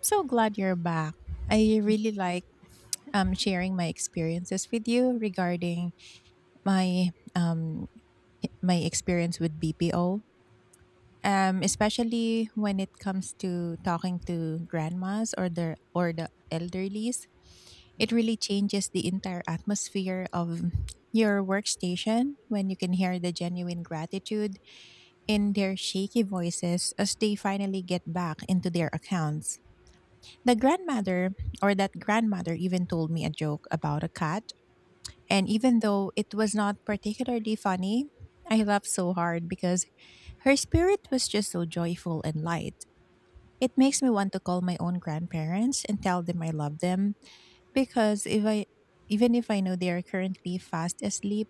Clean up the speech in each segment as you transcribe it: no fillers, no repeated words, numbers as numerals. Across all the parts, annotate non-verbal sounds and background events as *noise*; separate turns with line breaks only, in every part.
So glad you're back. I really like sharing my experiences with you regarding my um, my experience with BPO, especially when it comes to talking to grandmas or the elderlies. It really changes the entire atmosphere of your workstation when you can hear the genuine gratitude in their shaky voices as they finally get back into their accounts. The grandmother or that grandmother even told me a joke about a cat. And even though it was not particularly funny, I laughed so hard because her spirit was just so joyful and light. It makes me want to call my own grandparents and tell them I love them because if I even if I know they are currently fast asleep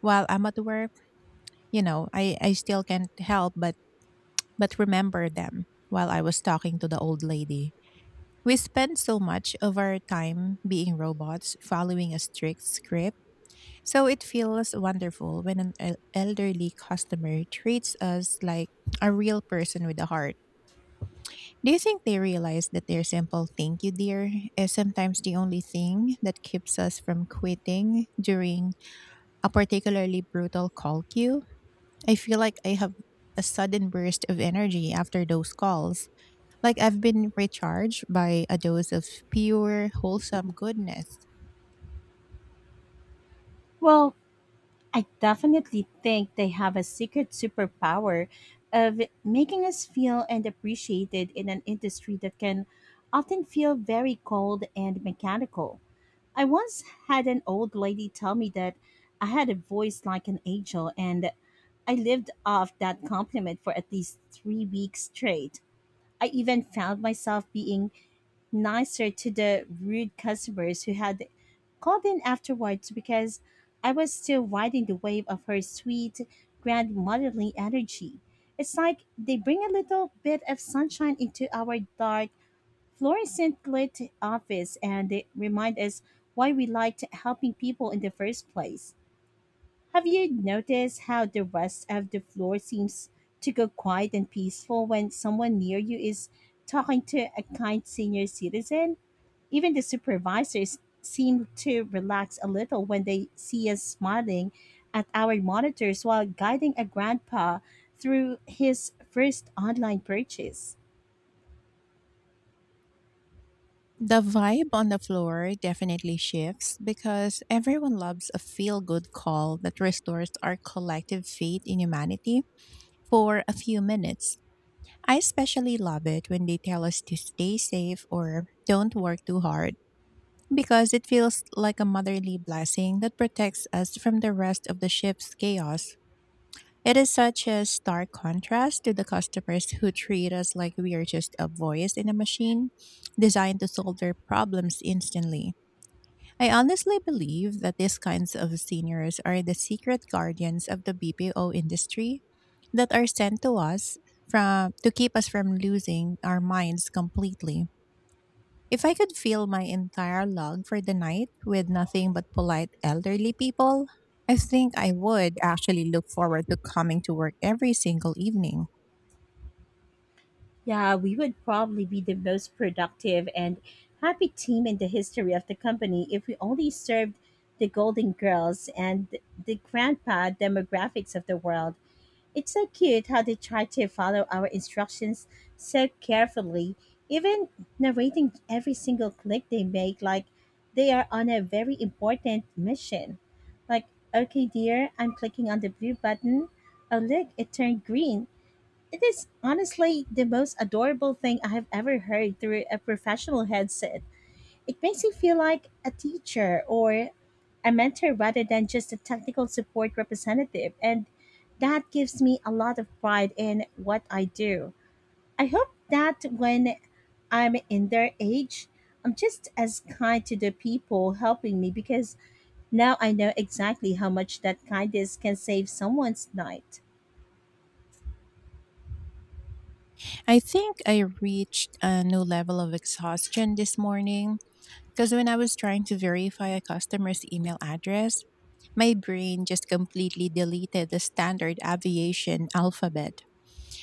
while I'm at work. I still can't help but remember them while I was talking to the old lady. We spend so much of our time being robots, following a strict script, so it feels wonderful when an elderly customer treats us like a real person with a heart. Do you think they realize that their simple thank you, dear, is sometimes the only thing that keeps us from quitting during a particularly brutal call queue? I feel like I have a sudden burst of energy after those calls. Like I've been recharged by a dose of pure, wholesome goodness.
Well, I definitely think they have a secret superpower of making us feel and appreciated in an industry that can often feel very cold and mechanical. I once had an old lady tell me that I had a voice like an angel, and I lived off that compliment for at least 3 weeks straight. I even found myself being nicer to the rude customers who had called in afterwards because I was still riding the wave of her sweet, grandmotherly energy. It's like they bring a little bit of sunshine into our dark, fluorescent lit office, and they remind us why we liked helping people in the first place. Have you noticed how the rest of the floor seems to go quiet and peaceful when someone near you is talking to a kind senior citizen? Even the supervisors seem to relax a little when they see us smiling at our monitors while guiding a grandpa through his first online purchase.
The vibe on the floor definitely shifts because everyone loves a feel good call that restores our collective faith in humanity for a few minutes. I especially love it when they tell us to stay safe or don't work too hard, because it feels like a motherly blessing that protects us from the rest of the ship's chaos. It is such a stark contrast to the customers who treat us like we are just a voice in a machine designed to solve their problems instantly. I honestly believe that these kinds of seniors are the secret guardians of the BPO industry that are sent to us from to keep us from losing our minds completely. If I could fill my entire log for the night with nothing but polite elderly people, I think I would actually look forward to coming to work every single evening.
Yeah, we would probably be the most productive and happy team in the history of the company if we only served the Golden Girls and the grandpa demographics of the world. It's so cute how they try to follow our instructions so carefully, even narrating every single click they make like they are on a very important mission. Like, "Okay, dear, I'm clicking on the blue button. Oh, look, it turned green." It is honestly the most adorable thing I have ever heard through a professional headset. It makes you feel like a teacher or a mentor rather than just a technical support representative, and that gives me a lot of pride in what I do. I hope that when I'm in their age, I'm just as kind to the people helping me, because now I know exactly how much that kindness can save someone's night.
I think I reached a new level of exhaustion this morning, because when I was trying to verify a customer's email address, my brain just completely deleted the standard aviation alphabet.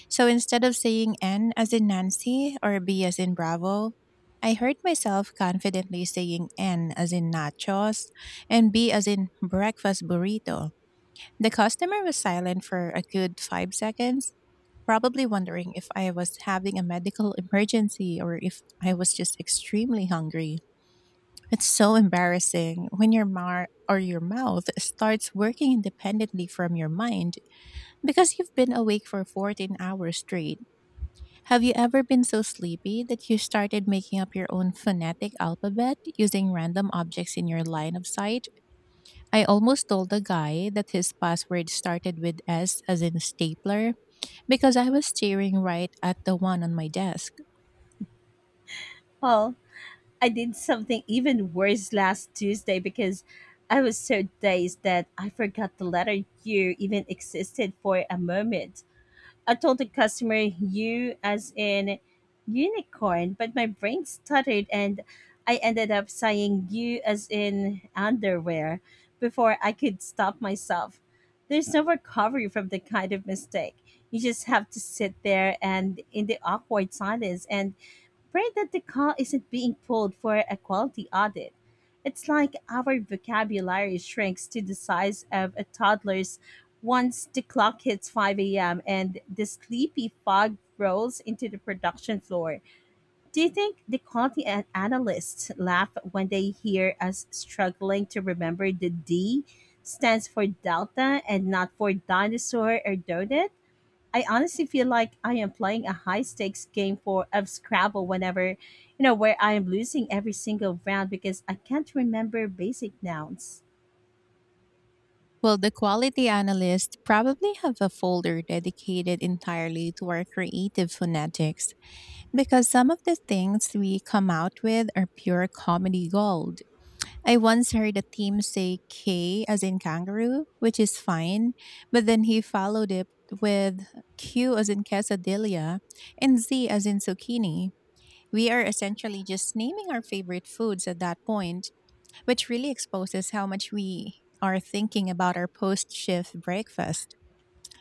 So instead of saying N as in Nancy or B as in Bravo, I heard myself confidently saying N as in nachos and B as in breakfast burrito. The customer was silent for a good 5 seconds, probably wondering if I was having a medical emergency or if I was just extremely hungry. It's so embarrassing when your mar or your mouth starts working independently from your mind because you've been awake for 14 hours straight. Have you ever been so sleepy that you started making up your own phonetic alphabet using random objects in your line of sight? I almost told the guy that his password started with S as in stapler because I was staring right at the one on my desk.
Well, I did something even worse last Tuesday because I was so dazed that I forgot the letter U even existed for a moment. I told the customer "you as in unicorn," but my brain stuttered and I ended up saying "you as in underwear" before I could stop myself. There's no recovery from the kind of mistake. You just have to sit there and in the awkward silence and pray that the call isn't being pulled for a quality audit. It's like our vocabulary shrinks to the size of a toddler's once the clock hits 5 a.m. and the sleepy fog rolls into the production floor. Do you think the quality analysts laugh when they hear us struggling to remember the D stands for Delta and not for dinosaur or donut? I honestly feel like I am playing a high stakes game for of Scrabble whenever, where I am losing every single round because I can't remember basic nouns.
Well, the quality analysts probably have a folder dedicated entirely to our creative phonetics because some of the things we come out with are pure comedy gold. I once heard a team say K as in kangaroo, which is fine, but then he followed it with Q as in quesadilla and Z as in zucchini. We are essentially just naming our favorite foods at that point, which really exposes how much we are thinking about our post shift breakfast.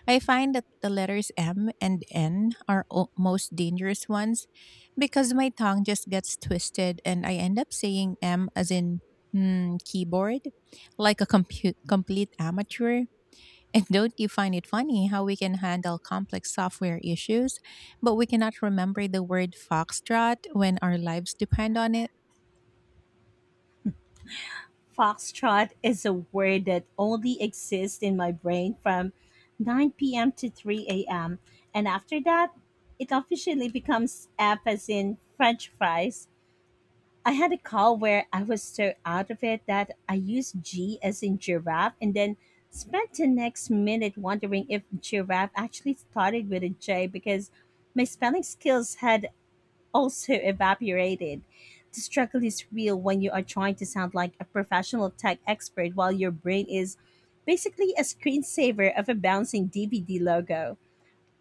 I find that the letters M and N are most dangerous ones because my tongue just gets twisted and I end up saying M as in keyboard, like a complete amateur. And don't you find it funny how we can handle complex software issues, but we cannot remember the word foxtrot when our lives depend on it?
Foxtrot is a word that only exists in my brain from 9 p.m. to 3 a.m. And after that, it officially becomes F as in French fries. I had a call where I was so out of it that I used G as in giraffe, and then spent the next minute wondering if giraffe actually started with a J, because my spelling skills had also evaporated. The struggle is real when you are trying to sound like a professional tech expert while your brain is basically a screensaver of a bouncing DVD logo.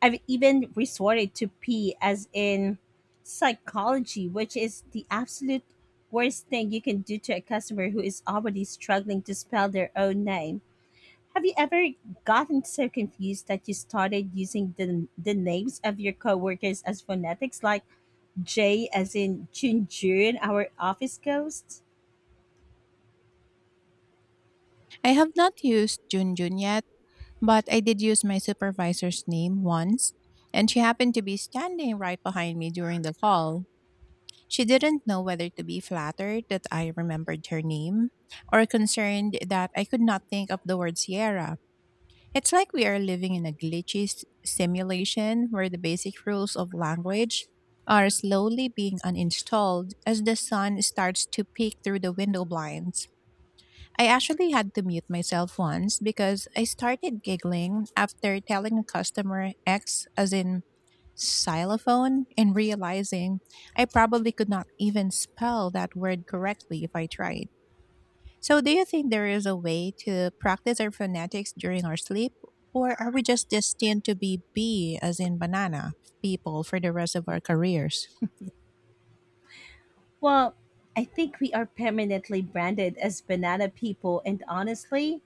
I've even resorted to P as in psychology, which is the absolute worst thing you can do to a customer who is already struggling to spell their own name. Have you ever gotten so confused that you started using the names of your coworkers as phonetics, like J as in Junjun, our office ghost?
I have not used Junjun yet, but I did use my supervisor's name once, and she happened to be standing right behind me during the call. She didn't know whether to be flattered that I remembered her name or concerned that I could not think of the word Sierra. It's like we are living in a glitchy simulation where the basic rules of language are slowly being uninstalled as the sun starts to peek through the window blinds. I actually had to mute myself once because I started giggling after telling a customer X as in xylophone and realizing I probably could not even spell that word correctly if I tried. So, do you think there is a way to practice our phonetics during our sleep? Or are we just destined to be B as in banana people for the rest of our careers?
Well, I think we are permanently branded as banana people, and honestly,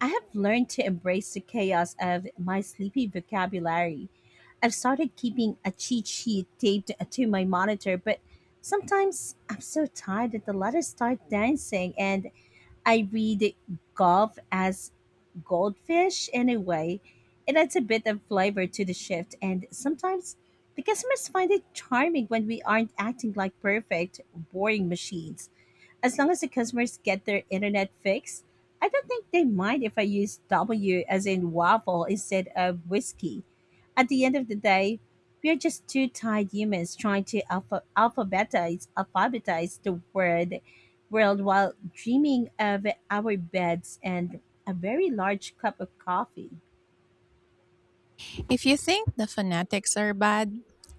I have learned to embrace the chaos of my sleepy vocabulary. I've started keeping a cheat sheet taped to my monitor, but sometimes I'm so tired that the letters start dancing, and I read golf as goldfish anyway. It adds a bit of flavor to the shift, and sometimes the customers find it charming when we aren't acting like perfect, boring machines. As long as the customers get their internet fixed, I don't think they mind if I use W as in waffle instead of whiskey. At the end of the day, we are just two tired humans trying to alphabetize the word world while dreaming of our beds and a very large cup of coffee. *laughs*
If you think the phonetics are bad,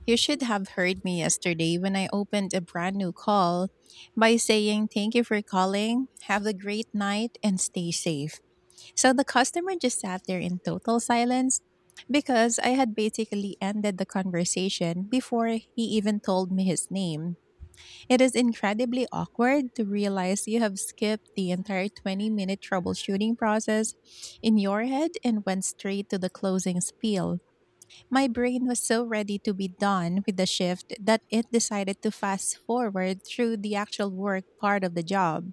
you should have heard me yesterday when I opened a brand new call by saying, "Thank you for calling, have a great night, and stay safe." So the customer just sat there in total silence because I had basically ended the conversation before he even told me his name. It is incredibly awkward to realize you have skipped the entire 20-minute troubleshooting process in your head and went straight to the closing spiel. My brain was so ready to be done with the shift that it decided to fast forward through the actual work part of the job.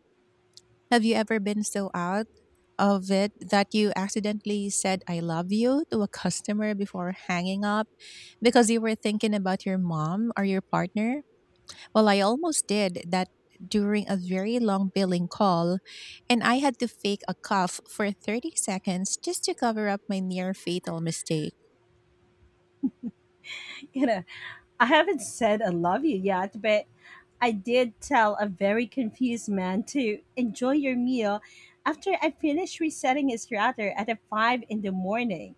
Have you ever been so out of it that you accidentally said I love you to a customer before hanging up because you were thinking about your mom or your partner? Well, I almost did that during a very long billing call, and I had to fake a cough for 30 seconds just to cover up my near fatal mistake.
You know, I haven't said "I love you" yet, but I did tell a very confused man to enjoy your meal after I finished resetting his router at a 5 in the morning.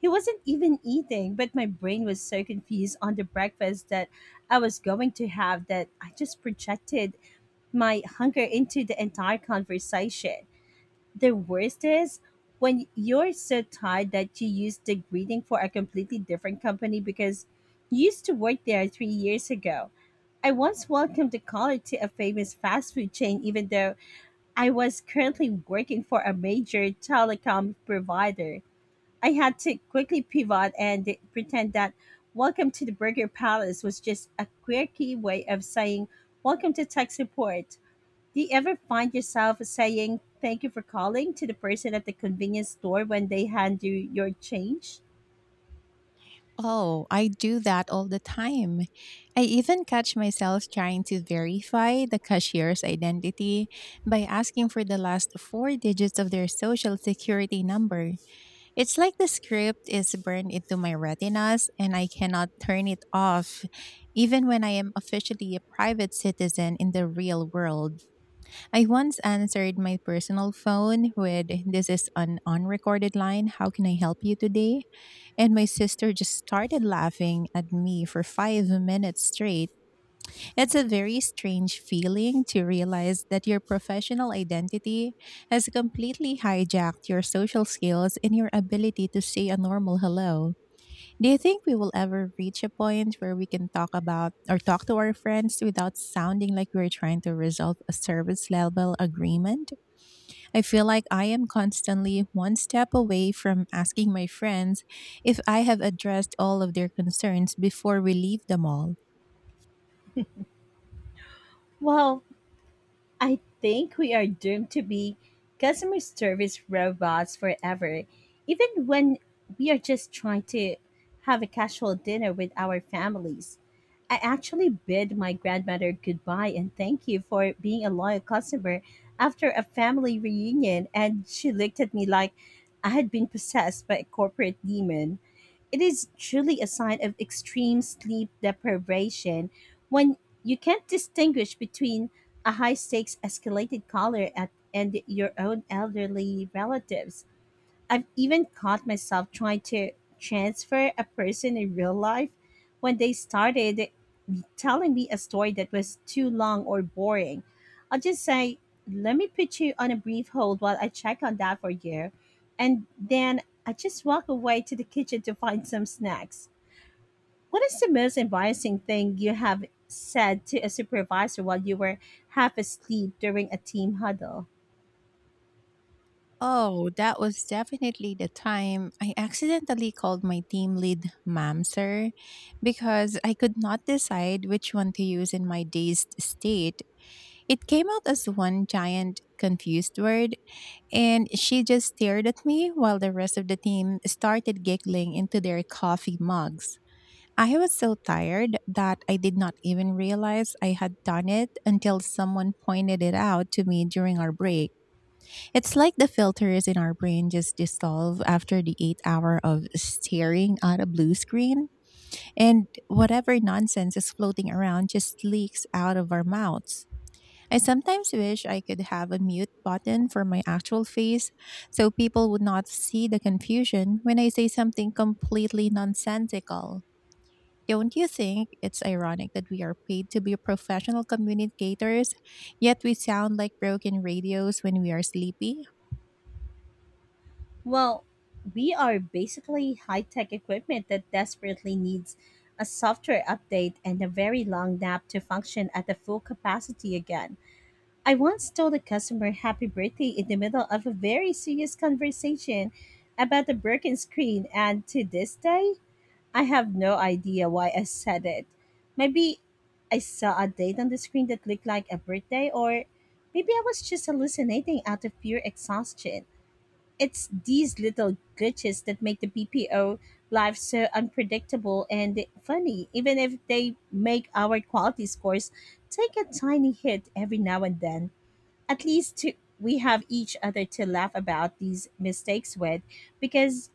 He wasn't even eating, but my brain was so confused on the breakfast that I was going to have that I just projected my hunger into the entire conversation. The worst is when you're so tired that you use the greeting for a completely different company because you used to work there 3 years ago. I once welcomed a caller to a famous fast food chain, even though I was currently working for a major telecom provider. I had to quickly pivot and pretend that "Welcome to the Burger Palace" was just a quirky way of saying "Welcome to tech support." Do you ever find yourself saying thank you for calling to the person at the convenience store when they hand you your change?
Oh, I do that all the time. I even catch myself trying to verify the cashier's identity by asking for the last four digits of their social security number. It's like the script is burned into my retinas and I cannot turn it off, even when I am officially a private citizen in the real world. I once answered my personal phone with, "This is an unrecorded line. How can I help you today?" And my sister just started laughing at me for 5 minutes straight. It's a very strange feeling to realize that your professional identity has completely hijacked your social skills and your ability to say a normal hello. Do you think we will ever reach a point where we can talk about or talk to our friends without sounding like we're trying to resolve a service level agreement? I feel like I am constantly one step away from asking my friends if I have addressed all of their concerns before we leave the mall.
Well, I think we are doomed to be customer service robots forever, even when we are just trying to have a casual dinner with our families. I actually bid my grandmother goodbye and thank you for being a loyal customer after a family reunion, and she looked at me like I had been possessed by a corporate demon. It is truly a sign of extreme sleep deprivation when you can't distinguish between a high stakes escalated caller at, and your own elderly relatives. I've even caught myself trying to transfer a person in real life when they started telling me a story that was too long or boring. I'll just say, "Let me put you on a brief hold while I check on that for you." And then I just walk away to the kitchen to find some snacks. What is the most embarrassing thing you have said to a supervisor while you were half asleep during a team huddle?
Oh, that was definitely the time I accidentally called my team lead ma'am, sir, because I could not decide which one to use in my dazed state. It came out as one giant confused word, and she just stared at me while the rest of the team started giggling into their coffee mugs. I was so tired that I did not even realize I had done it until someone pointed it out to me during our break. It's like the filters in our brain just dissolve after the 8 hour of staring at a blue screen, and whatever nonsense is floating around just leaks out of our mouths. I sometimes wish I could have a mute button for my actual face so people would not see the confusion when I say something completely nonsensical. Don't you think it's ironic that we are paid to be professional communicators, yet we sound like broken radios when we are sleepy?
Well, we are basically high tech equipment that desperately needs a software update and a very long nap to function at the full capacity again. I once told a customer happy birthday in the middle of a very serious conversation about a broken screen, and to this day, I have no idea why I said it. Maybe I saw a date on the screen that looked like a birthday, or maybe I was just hallucinating out of pure exhaustion. It's these little glitches that make the BPO life so unpredictable and funny, even if they make our quality scores take a tiny hit every now and then. At least to, we have each other to laugh about these mistakes with, because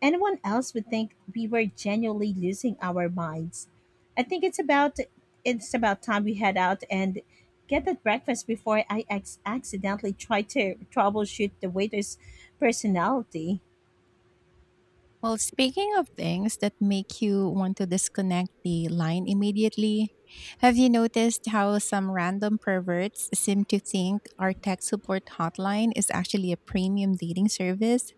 anyone else would think we were genuinely losing our minds. I think it's about time we head out and get that breakfast before I accidentally try to troubleshoot the waiter's personality.
Well, speaking of things that make you want to disconnect the line immediately, have you noticed how some random perverts seem to think our tech support hotline is actually a premium dating service?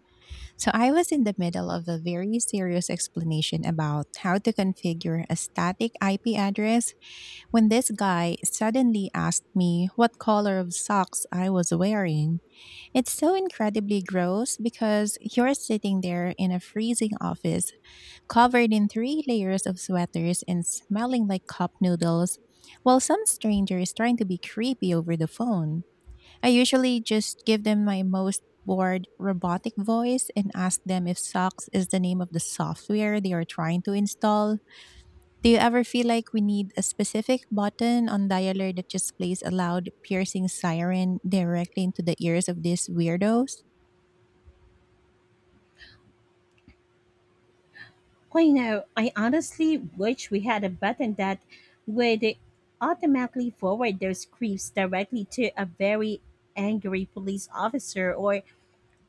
So I was in the middle of a very serious explanation about how to configure a static IP address when this guy suddenly asked me what color of socks I was wearing. It's so incredibly gross because you're sitting there in a freezing office covered in three layers of sweaters and smelling like cup noodles, while some stranger is trying to be creepy over the phone. I usually just give them my most bored, robotic voice and ask them if socks is the name of the software they are trying to install. Do you ever feel like we need a specific button on dialer that just plays a loud, piercing siren directly into the ears of these weirdos?
Well, you know, I honestly wish we had a button that would automatically forward those creeps directly to a very angry police officer, or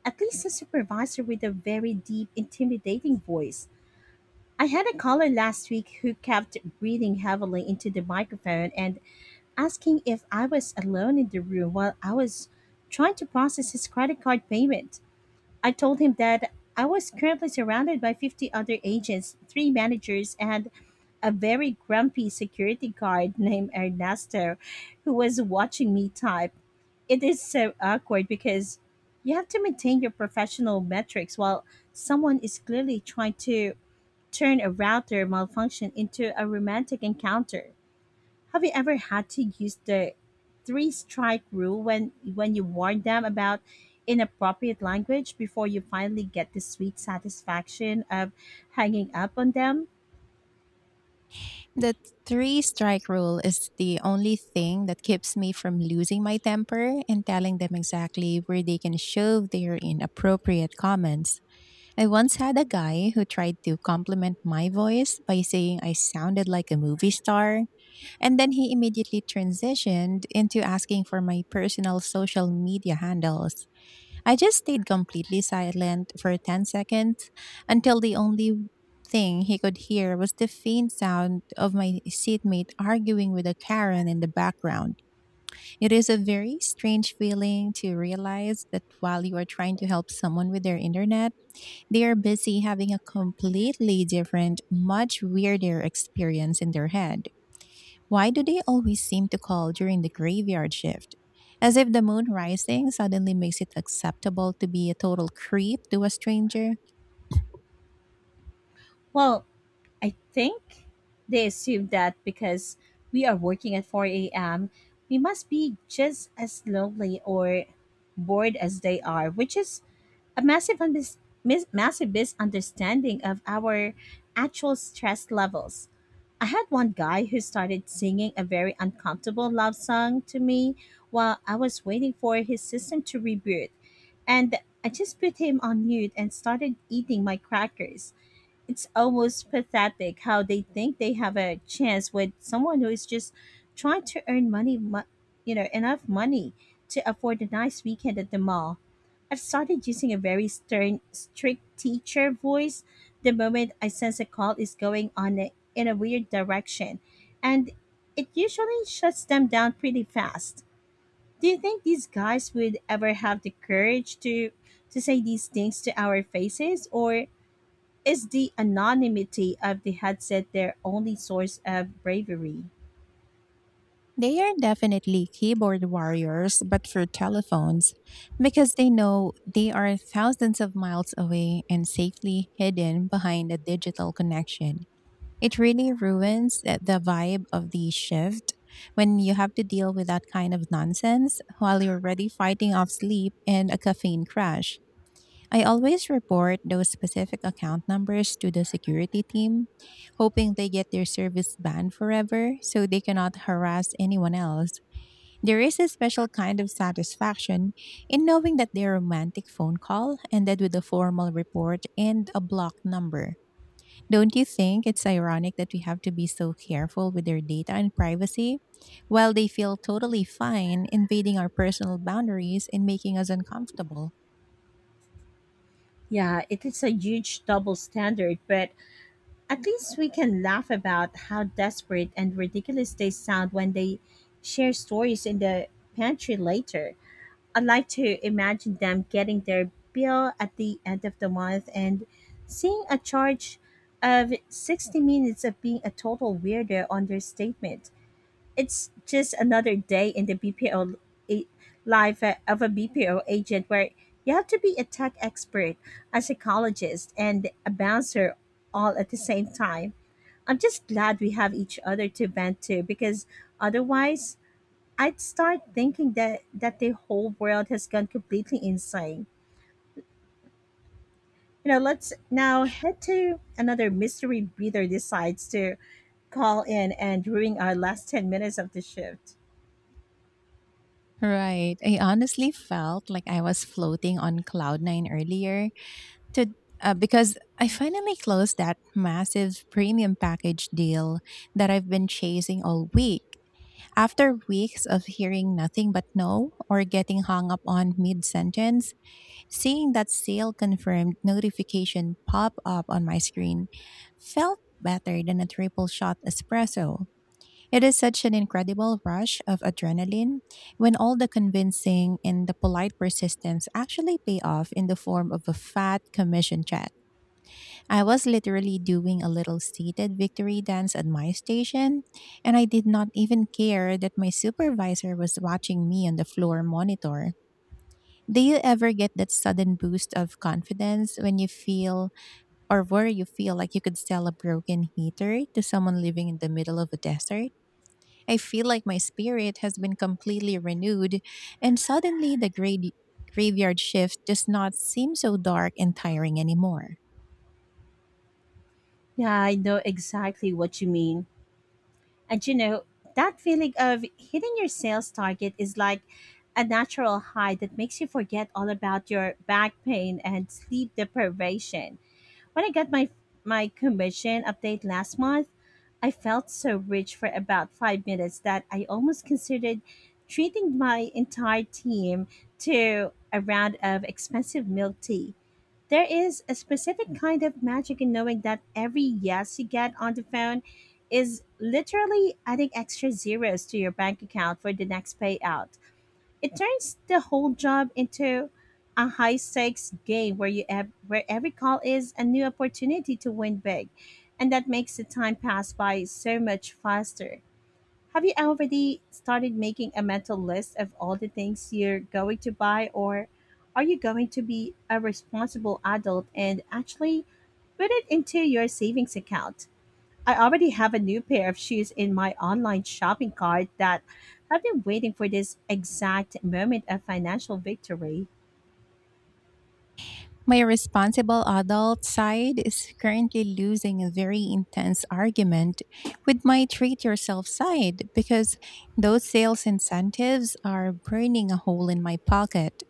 at least a supervisor with a very deep, intimidating voice. I had a caller last week who kept breathing heavily into the microphone and asking if I was alone in the room while I was trying to process his credit card payment. I told him that I was currently surrounded by 50 other agents, three managers, and a very grumpy security guard named Ernesto who was watching me type. It is so awkward because you have to maintain your professional metrics while someone is clearly trying to turn a router malfunction into a romantic encounter. Have you ever had to use the three strike rule when you warn them about inappropriate language before you finally get the sweet satisfaction of hanging up on them?
The three strike rule is the only thing that keeps me from losing my temper and telling them exactly where they can shove their inappropriate comments. I once had a guy who tried to compliment my voice by saying I sounded like a movie star, and then he immediately transitioned into asking for my personal social media handles. I just stayed completely silent for 10 seconds until the only thing he could hear was the faint sound of my seatmate arguing with a Karen in the background. It is a very strange feeling to realize that while you are trying to help someone with their internet, they are busy having a completely different, much weirder experience in their head. Why do they always seem to call during the graveyard shift? As if the moon rising suddenly makes it acceptable to be a total creep to a stranger.
Well, I think they assume that because we are working at 4 a.m., we must be just as lonely or bored as they are, which is a massive misunderstanding of our actual stress levels. I had one guy who started singing a very uncomfortable love song to me while I was waiting for his system to reboot. And I just put him on mute and started eating my crackers. It's almost pathetic how they think they have a chance with someone who is just trying to earn money, enough money to afford a nice weekend at the mall. I've started using a very stern, strict teacher voice the moment I sense a call is going on in a weird direction, and it usually shuts them down pretty fast. Do you think these guys would ever have the courage to say these things to our faces, or is the anonymity of the headset their only source of bravery?
They are definitely keyboard warriors, but for telephones, because they know they are thousands of miles away and safely hidden behind a digital connection. It really ruins the vibe of the shift when you have to deal with that kind of nonsense while you're already fighting off sleep and a caffeine crash. I always report those specific account numbers to the security team, hoping they get their service banned forever so they cannot harass anyone else. There is a special kind of satisfaction in knowing that their romantic phone call ended with a formal report and a blocked number. Don't you think it's ironic that we have to be so careful with their data and privacy while they feel totally fine invading our personal boundaries and making us uncomfortable?
Yeah, it is a huge double standard, but at least we can laugh about how desperate and ridiculous they sound when they share stories in the pantry later. I'd like to imagine them getting their bill at the end of the month and seeing a charge of 60 minutes of being a total weirdo on their statement. It's just another day in the BPO a- life, of a BPO agent where you have to be a tech expert, a psychologist, and a bouncer all at the same time. I'm just glad we have each other to vent to, because otherwise I'd start thinking that the whole world has gone completely insane. You know, let's now head to another mystery breather decides to call in and ruin our last 10 minutes of the shift.
Right. I honestly felt like I was floating on cloud nine earlier to because I finally closed that massive premium package deal that I've been chasing all week. After weeks of hearing nothing but no or getting hung up on mid sentence, seeing that sale confirmed notification pop up on my screen felt better than a triple shot espresso. It is such an incredible rush of adrenaline when all the convincing and the polite persistence actually pay off in the form of a fat commission check. I was literally doing a little seated victory dance at my station, and I did not even care that my supervisor was watching me on the floor monitor. Do you ever get that sudden boost of confidence when you feel or where you feel like you could sell a broken heater to someone living in the middle of a desert? I feel like my spirit has been completely renewed, and suddenly the graveyard shift does not seem so dark and tiring anymore.
Yeah, I know exactly what you mean. And you know, that feeling of hitting your sales target is like a natural high that makes you forget all about your back pain and sleep deprivation. When I got my commission update last month, I felt so rich for about 5 minutes that I almost considered treating my entire team to a round of expensive milk tea. There is a specific kind of magic in knowing that every yes you get on the phone is literally adding extra zeros to your bank account for the next payout. It turns the whole job into a high stakes game where where every call is a new opportunity to win big, and that makes the time pass by so much faster. Have you already started making a mental list of all the things you're going to buy, or are you going to be a responsible adult and actually put it into your savings account? I already have a new pair of shoes in my online shopping cart that I've been waiting for this exact moment of financial victory.
My responsible adult side is currently losing a very intense argument with my treat yourself side because those sales incentives are burning a hole in my pocket.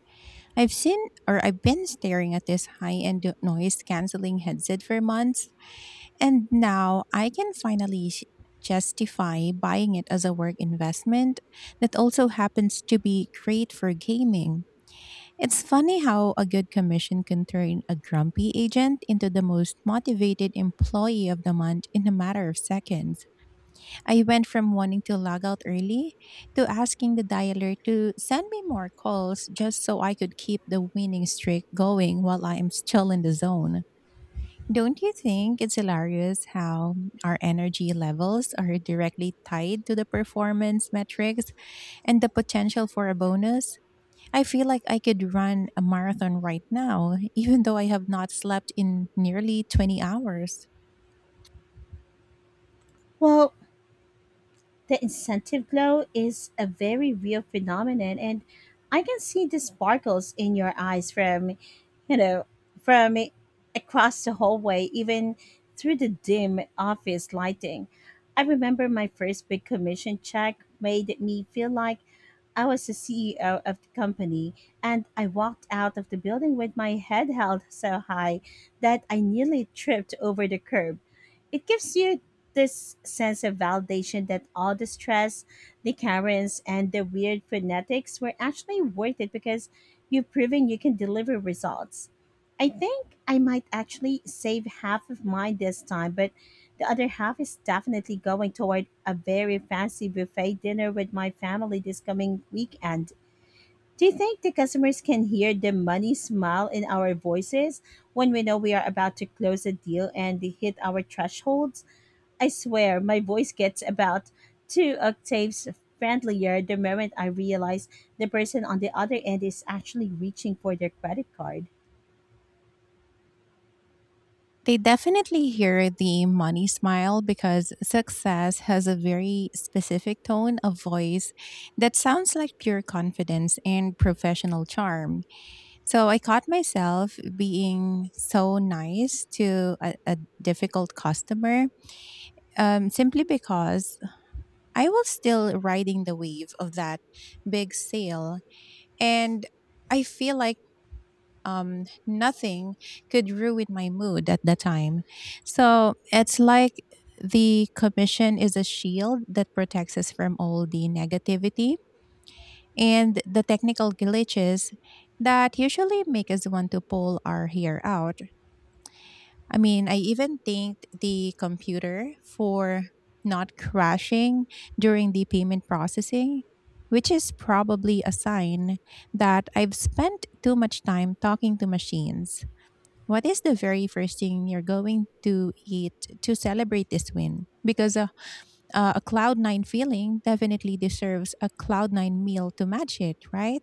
I've seen or I've been staring at this high end noise canceling headset for months. And now I can finally justify buying it as a work investment that also happens to be great for gaming. It's funny how a good commission can turn a grumpy agent into the most motivated employee of the month in a matter of seconds. I went from wanting to log out early to asking the dialer to send me more calls just so I could keep the winning streak going while I am still in the zone. Don't you think it's hilarious how our energy levels are directly tied to the performance metrics and the potential for a bonus? I feel like I could run a marathon right now, *laughs* even though I have not slept in nearly 20 hours.
Well, the incentive glow is a very real phenomenon, and I can see the sparkles in your eyes from, you know, from across the hallway, even through the dim office lighting. I remember my first big commission check made me feel like I was the CEO of the company, and I walked out of the building with my head held so high that I nearly tripped over the curb. It gives you this sense of validation that all the stress, the Karens, and the weird phonetics were actually worth it because you've proven you can deliver results. I think I might actually save half of mine this time, but the other half is definitely going toward a very fancy buffet dinner with my family this coming weekend. Do you think the customers can hear the money smile in our voices when we know we are about to close a deal and they hit our thresholds? I swear, my voice gets about 2 octaves friendlier the moment I realize the person on the other end is actually reaching for their credit card.
They definitely hear the money smile because success has a very specific tone of voice that sounds like pure confidence and professional charm. So I caught myself being so nice to a difficult customer simply because I was still riding the wave of that big sale. And I feel like nothing could ruin my mood at the time. So it's like the commission is a shield that protects us from all the negativity and the technical glitches that usually make us want to pull our hair out. I mean, I even thanked the computer for not crashing during the payment processing, which is probably a sign that I've spent too much time talking to machines. What is the very first thing you're going to eat to celebrate this win? Because a cloud nine feeling definitely deserves a cloud nine meal to match it, right?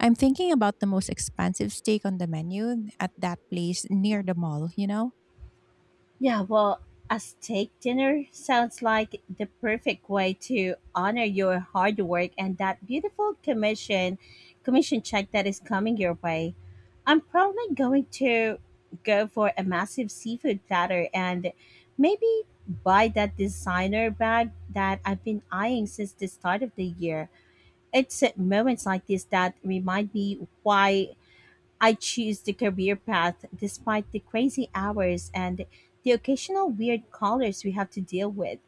I'm thinking about the most expensive steak on the menu at that place near the mall, you know?
Yeah, well, a steak dinner sounds like the perfect way to honor your hard work and that beautiful commission check that is coming your way. I'm probably going to go for a massive seafood platter and maybe buy that designer bag that I've been eyeing since the start of the year. It's at moments like this that remind me why I choose the career path despite the crazy hours and the occasional weird callers we have to deal with.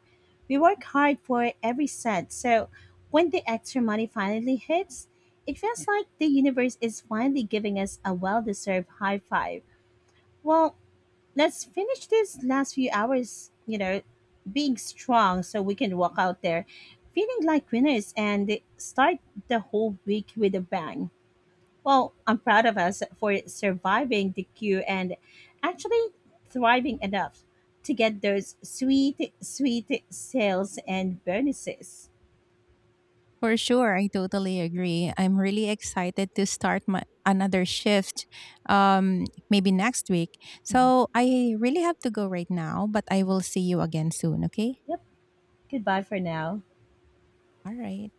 We work hard for every cent, so when the extra money finally hits, it feels like the universe is finally giving us a well deserved high five. Well, let's finish this last few hours, you know, being strong so we can walk out there feeling like winners and start the whole week with a bang. Well, I'm proud of us for surviving the queue and actually thriving enough to get those sweet, sweet sales and bonuses.
For sure, I totally agree. I'm really excited to start my another shift um maybe next week.
Mhm.
So, I really have to go right now, but I will see you again soon, okay?
Yep. Goodbye for now.
All right.